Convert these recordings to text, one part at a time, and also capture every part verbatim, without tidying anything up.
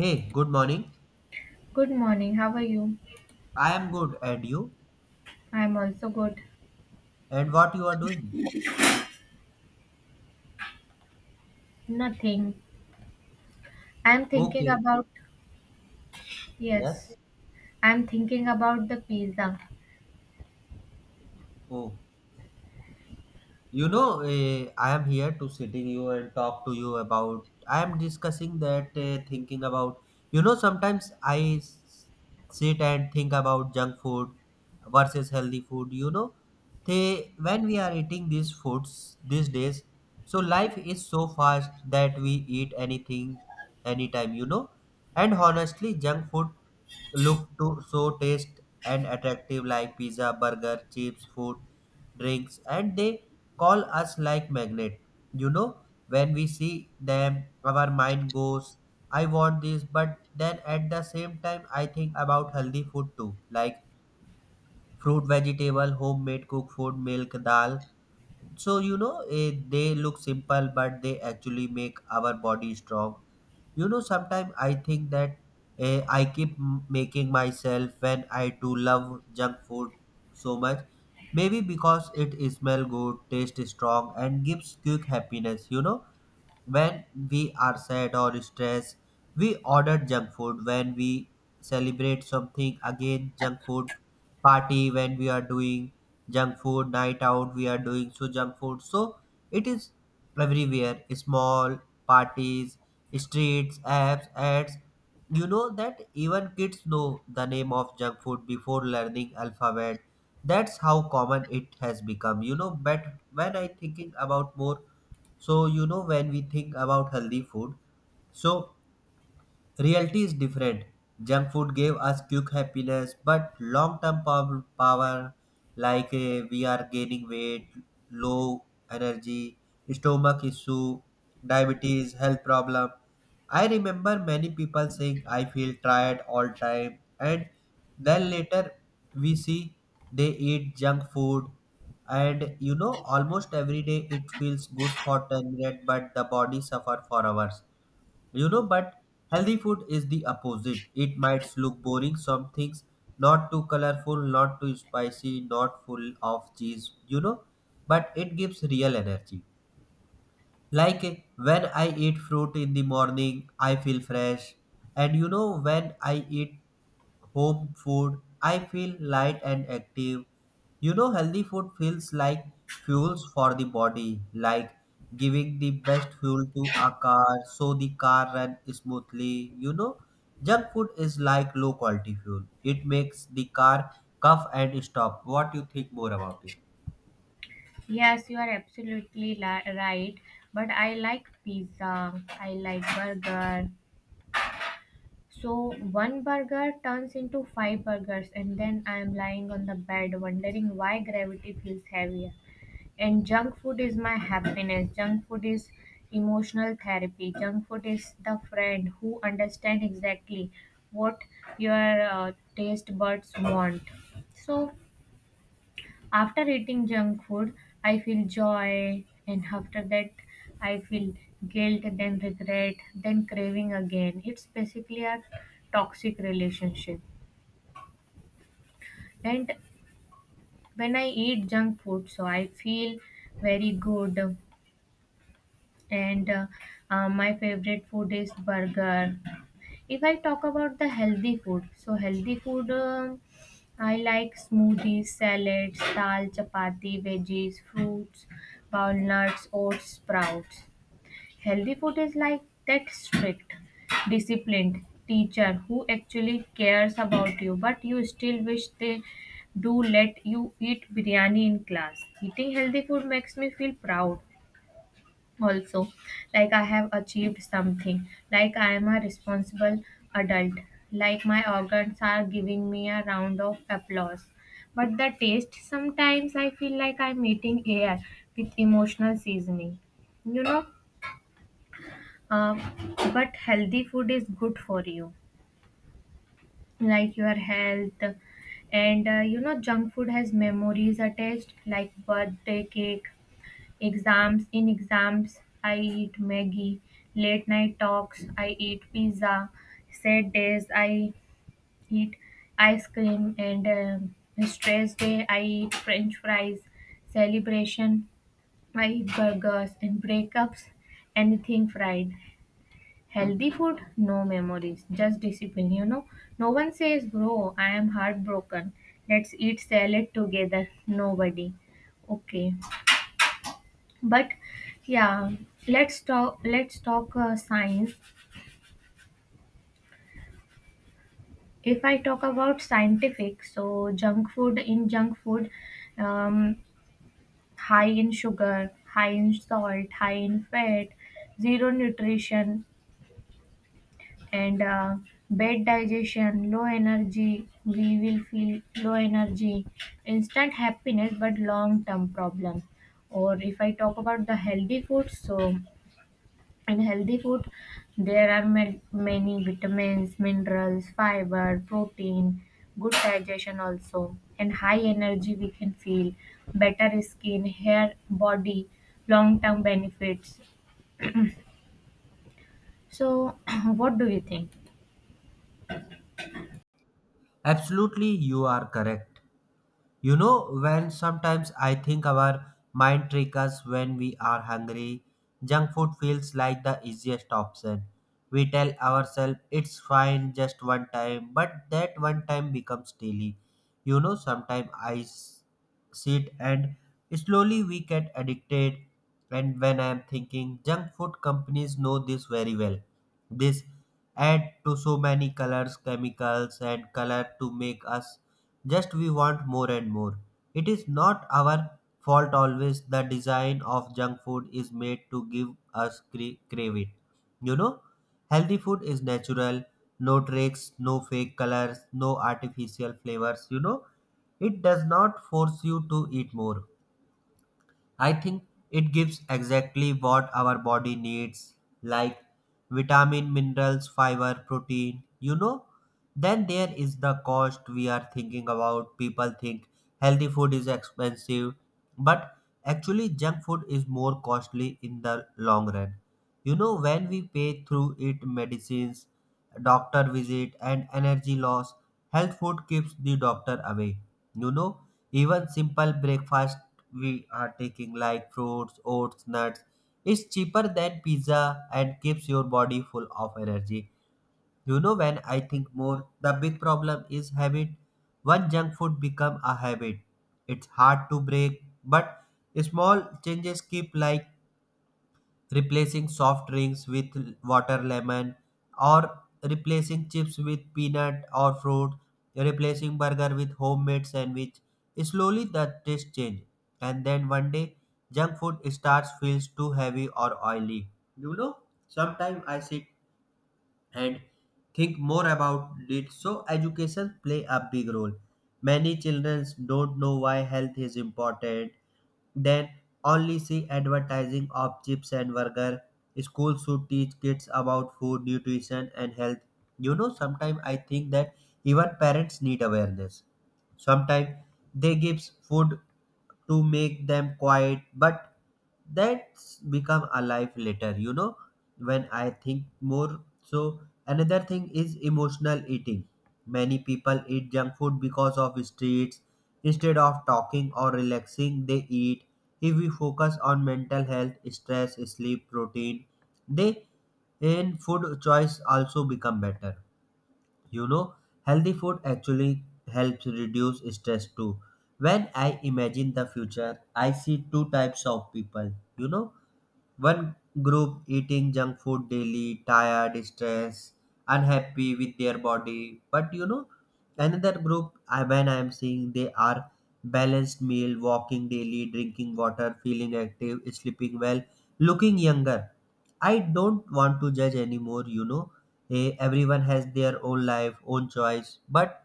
Hey, good morning. Good morning. How are you? I am good, and you? I'm also good. And what you are doing? Nothing. I'm thinking Okay. about, yes, Yes. I'm thinking about the pizza. Oh, You know, eh, I am here to sitting you and talk to you about. I am discussing that eh, thinking about. You know, sometimes I s- sit and think about junk food versus healthy food. You know, they when we are eating these foods these days, so life is so fast that we eat anything, anytime. You know, and honestly, junk food look to so taste and attractive like pizza, burger, chips, food drinks and they call us like magnet, you know, when we see them our mind goes, I want this, but then at the same time I think about healthy food too, like fruit, vegetable, homemade cooked food, milk, dal. So you know, eh, they look simple, but they actually make our body strong. You know, sometimes I think that eh, I keep m- making myself when I do love junk food so much. Maybe because it smell good, taste strong, and gives quick happiness. You know, when we are sad or stressed, we order junk food. When we celebrate something, again junk food. Party when we are doing junk food, night out we are doing so junk food. So it is everywhere. Small parties, streets, apps, ads. You know that even kids know the name of junk food before learning alphabet. That's how common it has become. You know, but when I thinking about more so, you know, when we think about healthy food, so reality is different. Junk food gave us quick happiness, but long term pow- power, like uh, we are gaining weight, low energy, stomach issue, diabetes, health problem. I remember many people saying, I feel tired all time, and then later we see they eat junk food. And you know, almost every day it feels good for ten minutes, but the body suffer for hours, you know. But healthy food is the opposite, it might look boring some things, not too colorful, not too spicy, not full of cheese, you know, but it gives real energy. Like when I eat fruit in the morning, I feel fresh. And you know, when I eat home food, I feel light and active. You know, healthy food feels like fuels for the body, like giving the best fuel to a car so the car run smoothly. You know, junk food is like low quality fuel. It makes the car cough and stop. What you think more about it? Yes, you are absolutely li- right. But I like pizza. I like burger. So one burger turns into five burgers, and then I'm lying on the bed wondering why gravity feels heavier. And junk food is my happiness. Junk food is emotional therapy. Junk food is the friend who understands exactly what your uh, taste buds want. So, after eating junk food, I feel joy, and after that, I feel guilt, then regret, then craving again. It's basically a toxic relationship. And when I eat junk food, so I feel very good and uh, uh, my favorite food is burger. If I talk about the healthy food, so healthy food, um I like smoothies, salads, dal, chapati, veggies, fruits, walnuts, oats, sprouts. Healthy food is like that strict, disciplined teacher who actually cares about you, but you still wish they do let you eat biryani in class. Eating healthy food makes me feel proud also, like I have achieved something, like I am a responsible adult, like my organs are giving me a round of applause. But the taste, sometimes I feel like I'm eating air with emotional seasoning you know uh, but healthy food is good for you, like your health. And uh, you know junk food has memories attached, like birthday cake. Exams in exams, I eat Maggie. Late night talks, I eat pizza. Sad days, I eat ice cream. And um stress day, I eat French fries. Celebration, I eat burgers. And breakups, anything fried. Healthy food, no memories, just discipline. You know, no one says, "Bro, I am heartbroken. Let's eat salad together." Nobody. Okay, but yeah, let's talk let's talk uh, science. If I talk about scientific, so junk food in junk food, um, high in sugar, high in salt, high in fat, zero nutrition. And uh, bad digestion, low energy, we will feel low energy, instant happiness but long term problem. Or if I talk about the healthy food, so in healthy food, there are ma- many vitamins, minerals, fiber, protein, good digestion also, and high energy we can feel, better skin, hair, body, long term benefits. So, what do you think? Absolutely, you are correct. You know, when sometimes I think our mind trick us when we are hungry, junk food feels like the easiest option. We tell ourselves it's fine just one time, but that one time becomes daily. You know, sometimes I s- sit and slowly we get addicted. And when I am thinking, junk food companies know this very well. This add to so many colors, chemicals and color to make us, just we want more and more. It is not our fault always, the design of junk food is made to give us cra- crave it, you know. Healthy food is natural, no tricks, no fake colors, no artificial flavors, you know. It does not force you to eat more. I think it gives exactly what our body needs, like vitamin, minerals, fiber, protein, you know. Then there is the cost we are thinking about. People think healthy food is expensive, but actually, junk food is more costly in the long run. You know, when we pay through it medicines, doctor visit, and energy loss, health food keeps the doctor away. You know, even simple breakfast we are taking like fruits, oats, nuts is cheaper than pizza and keeps your body full of energy. You know, when I think more, the big problem is habit. One junk food become a habit. It's hard to break, but small changes keep, like replacing soft drinks with water lemon, or replacing chips with peanut or fruit, replacing burger with homemade sandwich. Slowly the taste change, and then one day junk food starts feels too heavy or oily, you know. Sometimes I sit and think more about it. So education play a big role. Many children don't know why health is important. Then only see advertising of chips and burger. Schools should teach kids about food, nutrition, and health. You know, sometimes I think that even parents need awareness. Sometimes they gives food to make them quiet, but that's become alive later, you know, when I think more. So another thing is emotional eating. Many people eat junk food because of streets. Instead of talking or relaxing, they eat. If we focus on mental health, stress, sleep, protein, they in food choice also become better, you know. Healthy food actually helps reduce stress too. When I imagine the future, I see two types of people, you know. One group eating junk food daily, tired, stressed, unhappy with their body. But you know, another group I when I am seeing they are balanced meal, walking daily, drinking water, feeling active, sleeping well, looking younger. I don't want to judge anymore, you know. Eh, everyone has their own life, own choice. But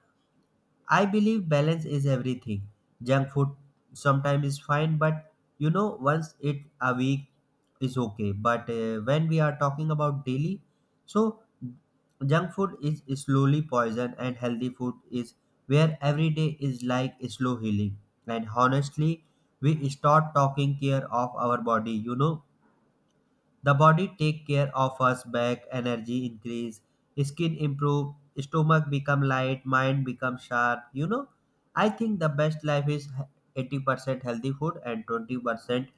I believe balance is everything. Junk food sometimes is fine, but you know, once it a week is okay. But uh, when we are talking about daily, so junk food is slowly poison, and healthy food is where every day is like slow healing. And honestly, we start talking care of our body. You know, the body take care of us back, energy increase, skin improve, stomach become light, mind become sharp. You know, I think the best life is eighty percent healthy food and twenty percent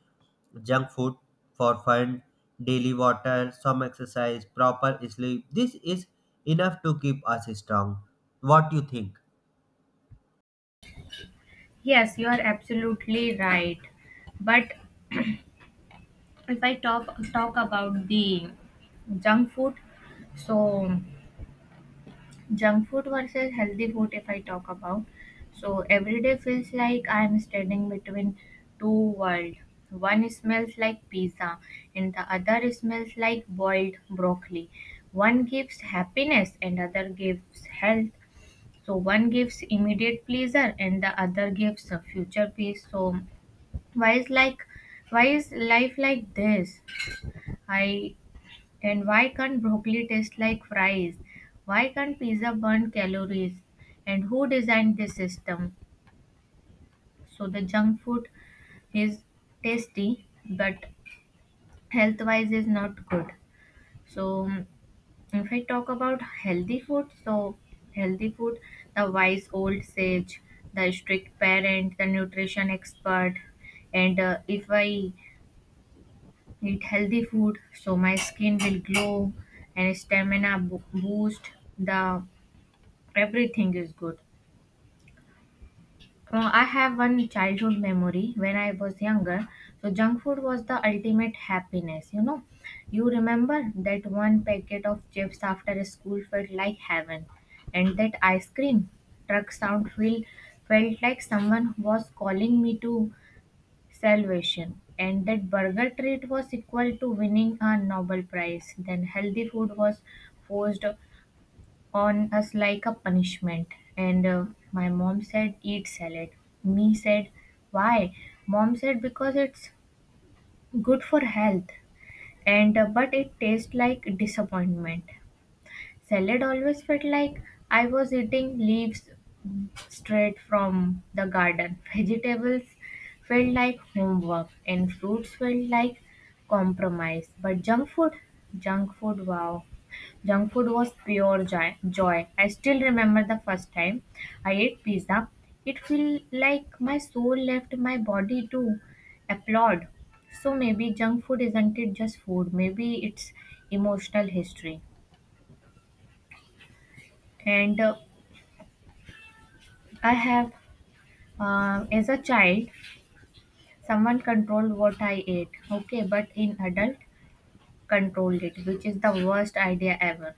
junk food for fun, daily water, some exercise, proper sleep. This is enough to keep us strong. What do you think? Yes, you are absolutely right. But if I talk talk about the junk food, so junk food versus healthy food, if I talk about so every day feels like I'm standing between two worlds. One smells like pizza, and the other smells like boiled broccoli. One gives happiness, and other gives health. So one gives immediate pleasure, and the other gives a future peace. So why is like why is life like this I And why can't broccoli taste like fries? Why can't pizza burn calories? And who designed this system? So the junk food is tasty, but health wise is not good. So mm, if I talk about healthy food, so healthy food, the wise old sage, the strict parent, the nutrition expert, and uh, if I eat healthy food, so my skin will glow and stamina bo- boost. The Everything is good. Uh, I have one childhood memory when I was younger. So, junk food was the ultimate happiness, you know. You remember that one packet of chips after school felt like heaven, and that ice cream truck sound feel, felt like someone was calling me to salvation. And that burger treat was equal to winning a Nobel Prize. Then, healthy food was forced on us like a punishment. And uh, my mom said, "Eat salad." Me said, "Why?" Mom said, "Because it's good for health." And uh, but it tastes like disappointment. Salad always felt like I was eating leaves straight from the garden. Vegetables felt like homework, and fruits felt like compromise. But junk food, junk food, wow. Junk food was pure joy. Joy. I still remember the first time I ate pizza. It felt like my soul left my body to applaud. So maybe junk food isn't it just food? Maybe it's emotional history. And uh, I have, uh, as a child, someone controlled what I ate. Okay, but in adult, controlled it, which is the worst idea ever.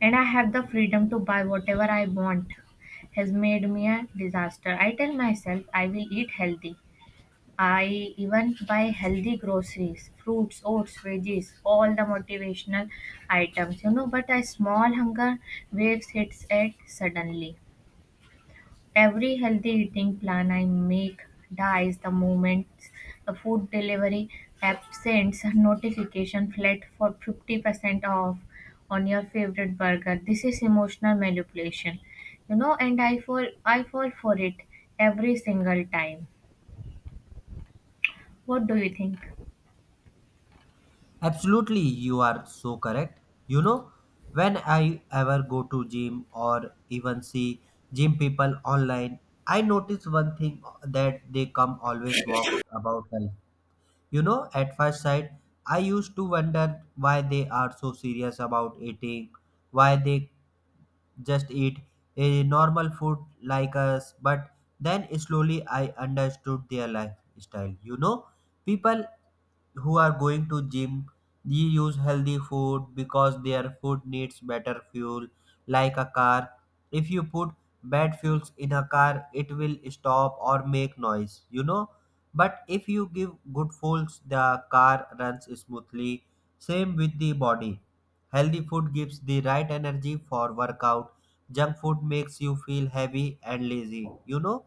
And I have the freedom to buy whatever I want has made me a disaster. I tell myself I will eat healthy. I even buy healthy groceries, fruits, oats, veggies, all the motivational items, you know. But a small hunger waves hits it suddenly. Every healthy eating plan I make dies the moment the food delivery app sends a notification flat for fifty percent off on your favorite burger. This is emotional manipulation, you know, and I fall I fall for it every single time. What do you think? Absolutely, you are so correct. You know, when I ever go to gym or even see gym people online, I notice one thing that they come always walk about health. You know, at first sight, I used to wonder why they are so serious about eating, why they just eat a normal food like us, but then slowly I understood their lifestyle, you know. People who are going to gym, they use healthy food because their food needs better fuel. Like a car, if you put bad fuels in a car it will stop or make noise, you know. But if you give good fuels the car runs smoothly. Same with the body. Healthy food gives the right energy for workout. Junk food makes you feel heavy and lazy. You know,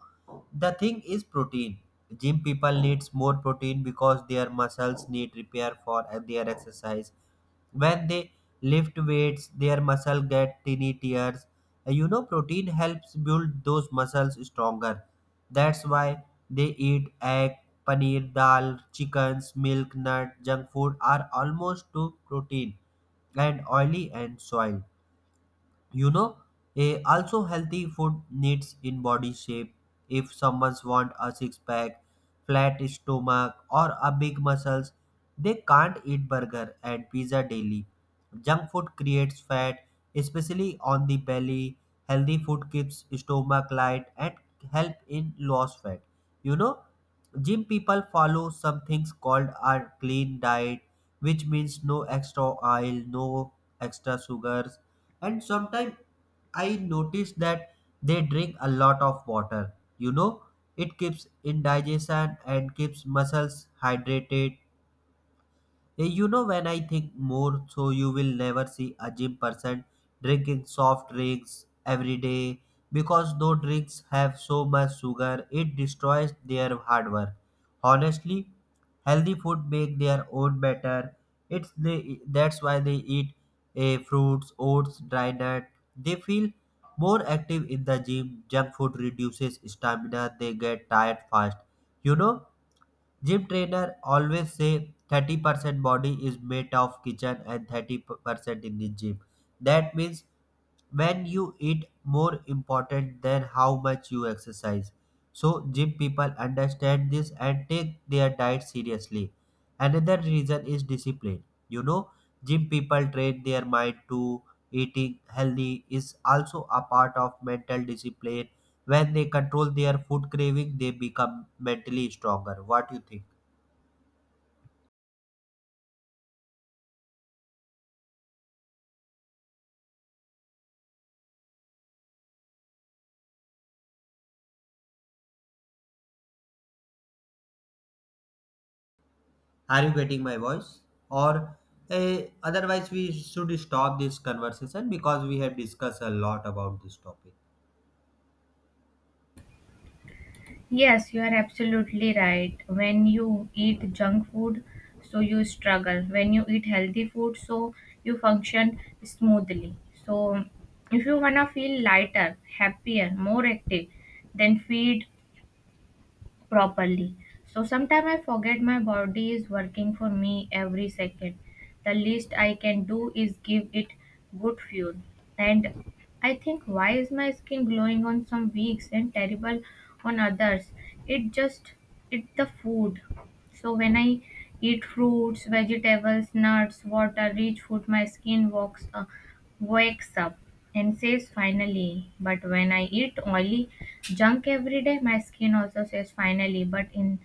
the thing is protein. Gym people needs more protein because their muscles need repair for their exercise. When they lift weights, their muscle get tiny tears. Uh, You know, protein helps build those muscles stronger. That's why they eat egg, paneer, dal, chickens, milk, nut. Junk food are almost to protein and oily and soil, you know. A also healthy food needs in body shape. If someone's want a six pack, flat stomach or a big muscles, they can't eat burger and pizza daily. Junk food creates fat, especially on the belly. Healthy food keeps stomach light and help in loss fat, you know. Gym people follow some things called a clean diet, which means no extra oil, no extra sugars. And sometimes I notice that they drink a lot of water, you know. It keeps indigestion and keeps muscles hydrated. Eh, You know, when I think more, so you will never see a gym person drinking soft drinks every day because those drinks have so much sugar, it destroys their hard work. Honestly, healthy food make their own better. It's they, that's why they eat eh, fruits, oats, dry nut. They feel more active in the gym. Junk food reduces stamina. They get tired fast. You know. Gym trainer always say thirty percent body is made of kitchen and thirty percent in the gym. That means when you eat more important than how much you exercise. So gym people understand this and take their diet seriously. Another reason is discipline. You know, gym people train their mind to eating healthy is also a part of mental discipline. When they control their food craving, they become mentally stronger. What do you think? Are you getting my voice? Or eh, otherwise, we should stop this conversation because we have discussed a lot about this topic. Yes, you are absolutely right. When you eat junk food, so you struggle. When you eat healthy food, so you function smoothly. So, if you wanna feel lighter, happier, more active, then feed properly. So sometimes I forget my body is working for me every second. The least I can do is give it good fuel. And I think, why is my skin glowing on some weeks and terrible on others? It just it the food. So when I eat fruits, vegetables, nuts, water, rich food, my skin walks. Uh, wakes up and says finally. But when I eat oily junk every day, my skin also says finally, but in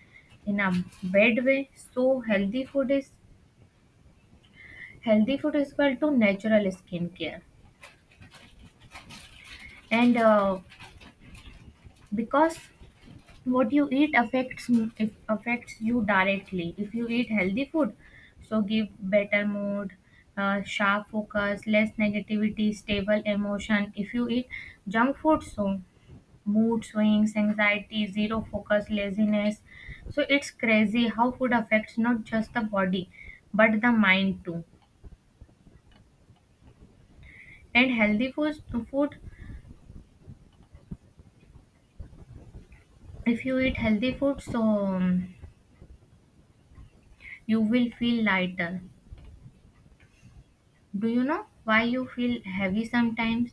in a bad way. So healthy food is healthy food is equal to natural skincare. And uh, because what you eat affects if affects you directly. If you eat healthy food, so give better mood, uh, sharp focus, less negativity, stable emotion. If you eat junk food, so mood swings, anxiety, zero focus, laziness. So it's crazy how food affects not just the body but the mind too. And healthy food, food if you eat healthy food, so um, you will feel lighter. Do you know why you feel heavy sometimes?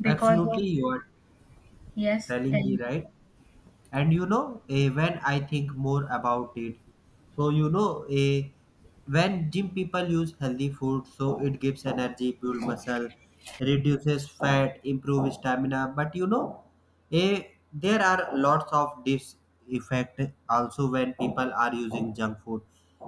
Because Absolutely, of you are Yes, telling tell me me. right. And you know eh, when I think more about it, so you know eh, when gym people use healthy food, so it gives energy, build muscle, reduces fat, improve stamina, but you know eh, there are lots of dis effect also when people are using junk food.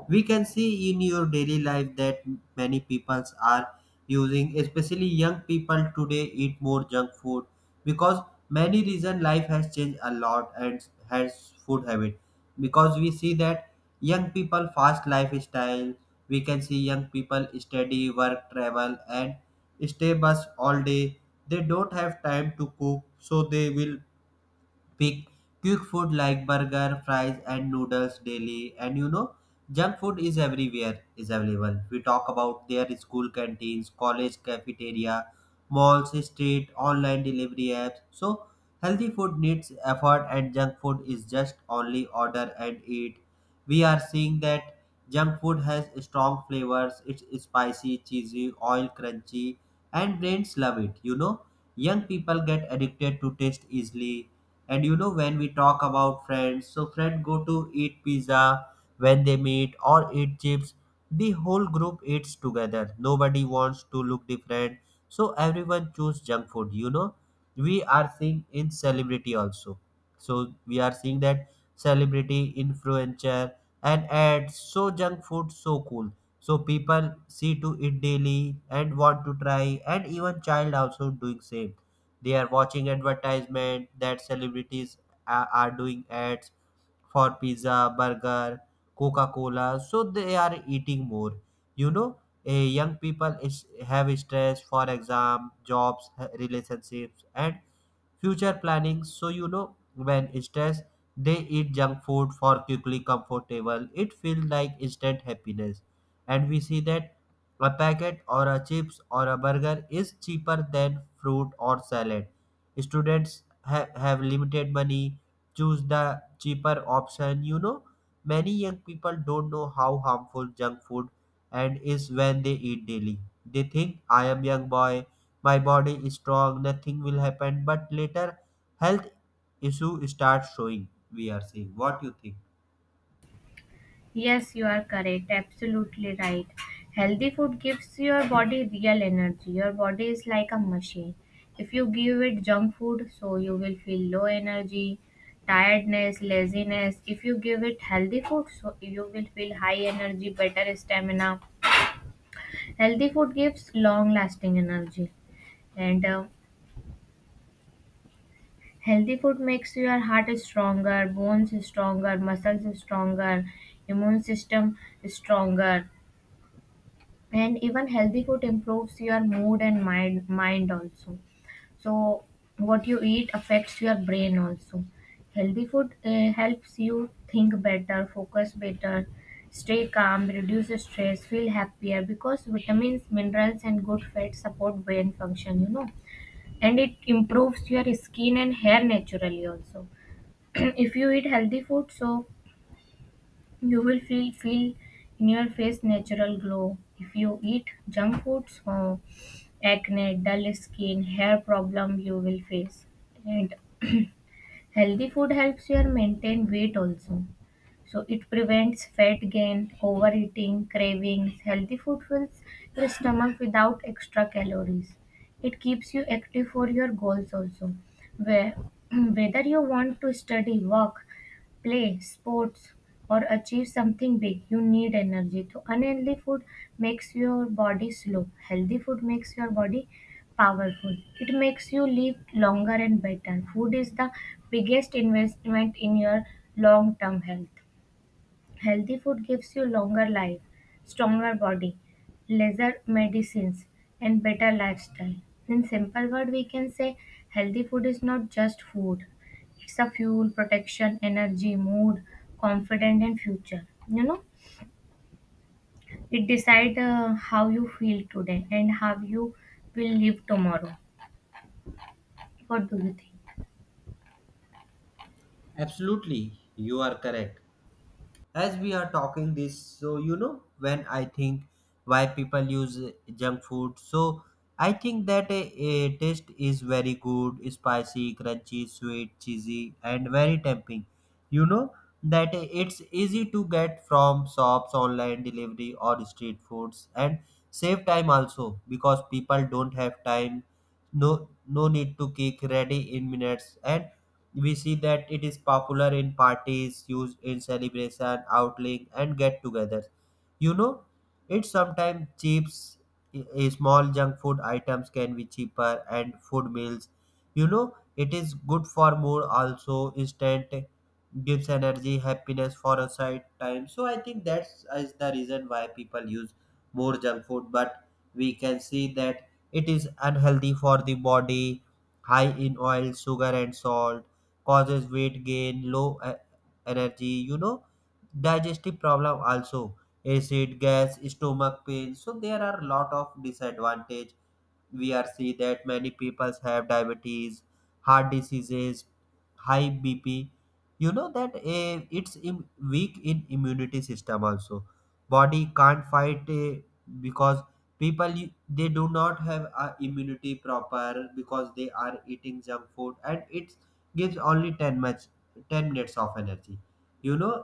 We can see in your daily life that many people are using, especially young people today eat more junk food because many reason life has changed a lot and has food habit. Because we see that young people fast lifestyle, we can see young people study, work, travel, and stay bus all day. They don't have time to cook, so they will pick quick food like burger, fries, and noodles daily. And you know, junk food is everywhere is available. We talk about their school canteens, college cafeteria, malls, street, online delivery apps. So healthy food needs effort, and junk food is just only order and eat. We are seeing that junk food has strong flavors. It's spicy, cheesy, oil crunchy, and brains love it. You know, young people get addicted to taste easily, and you know when we talk about friends, so friends go to eat pizza when they meet or eat chips. The whole group eats together. Nobody wants to look different, so everyone choose junk food. You know, we are seeing in celebrity also. So we are seeing that celebrity influencer and ads. So junk food so cool. So people see to it daily and want to try, and even child also doing same. They are watching advertisement that celebrities a- are doing ads for pizza, burger, coca cola, so they are eating more. you know a young people is have stress for exam, jobs, h- relationships, and future planning. So you know when stress, they eat junk food for quickly comfortable. It feels like instant happiness. And we see that a packet or a chips or a burger is cheaper than fruit or salad. Students ha- have limited money, choose the cheaper option. You know, many young people don't know how harmful junk food and is when they eat daily. They think, I am young boy, my body is strong, nothing will happen, but later health issue starts showing. We are seeing. What you think? Yes, you are correct. Absolutely right. Healthy food gives your body real energy. Your body is like a machine. If you give it junk food, so you will feel low energy, tiredness, laziness. If you give it healthy food, so you will feel high energy, better stamina. Healthy food gives long lasting energy. And uh, healthy food makes your heart stronger, bones stronger, muscles stronger, immune system stronger, and even healthy food improves your mood and mind mind also. So what you eat affects your brain also. Healthy food uh, helps you think better, focus better, stay calm, reduce stress, feel happier, because vitamins, minerals, and good fats support brain function you know And it improves your skin and hair naturally also. If you eat healthy food, so you will feel feel in your face natural glow. If you eat junk foods, uh, acne, dull skin, hair problem you will face. And healthy food helps you maintain weight also. So it prevents fat gain, overeating, cravings. Healthy food fills your stomach without extra calories. It keeps you active for your goals also. Where, whether you want to study, work, play, sports, or achieve something big, you need energy. So unhealthy food makes your body slow. Healthy food makes your body powerful. It makes you live longer and better. Food is the biggest investment in your long-term health. Healthy food gives you longer life, stronger body, lesser medicines, and better lifestyle. In simple word, we can say healthy food is not just food. It's a fuel, protection, energy, mood, confidence, and future. You know, it decides uh, how you feel today and how you will live tomorrow. What do you think? Absolutely, you are correct. As we are talking this, so you know when I think why people use uh, junk food, so I think that a, a taste is very good, spicy, crunchy, sweet, cheesy, and very tempting. you know that uh, it's easy to get from shops, online delivery, or street foods, and save time also because people don't have time, no no need to cook, ready in minutes. And we see that it is popular in parties, used in celebration, outlink, and get togethers. you know it sometimes cheaps, i- i- small junk food items can be cheaper and food meals. You know it is good for mood also, instant gives energy, happiness for a side time. So I think that's is the reason why people use more junk food. But we can see that it is unhealthy for the body, high in oil, sugar, and salt. Causes weight gain, low e- energy, you know, digestive problem also, acid, gas, stomach pain. So there are lot of disadvantage. We are see that many people have diabetes, heart diseases, high bp. You know that uh, it's im- weak in immunity system also. Body can't fight uh, because people y- they do not have a immunity proper because they are eating junk food, and it gives only 10 much ten minutes of energy. you know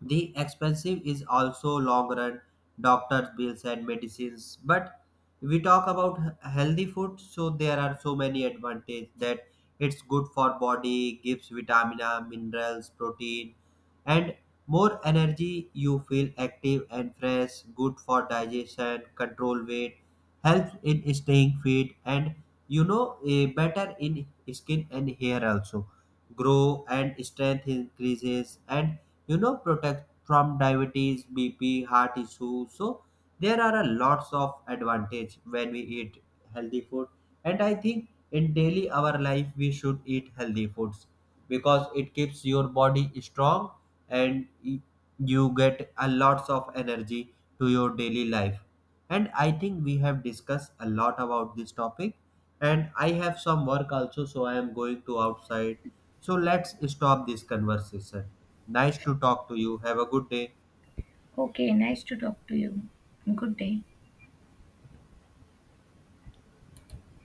the expensive is also long run, doctor's bills and medicines. But we talk about he- healthy food, so there are so many advantages that it's good for body, gives vitamina, minerals, protein, and more energy. You feel active and fresh. Good for digestion, control weight, helps in staying fit, and you know eh, better in skin and hair also. Grow and strength increases, and you know protect from diabetes, bp, heart issues. So there are a lots of advantage when we eat healthy food. And I think in daily our life we should eat healthy foods because it keeps your body strong, and y- you get a lots of energy to your daily life. And I think we have discussed a lot about this topic, and I have some work also, so I am going to outside. So let's stop this conversation. Nice to talk to you. Have a good day. Okay, nice to talk to you. Good day.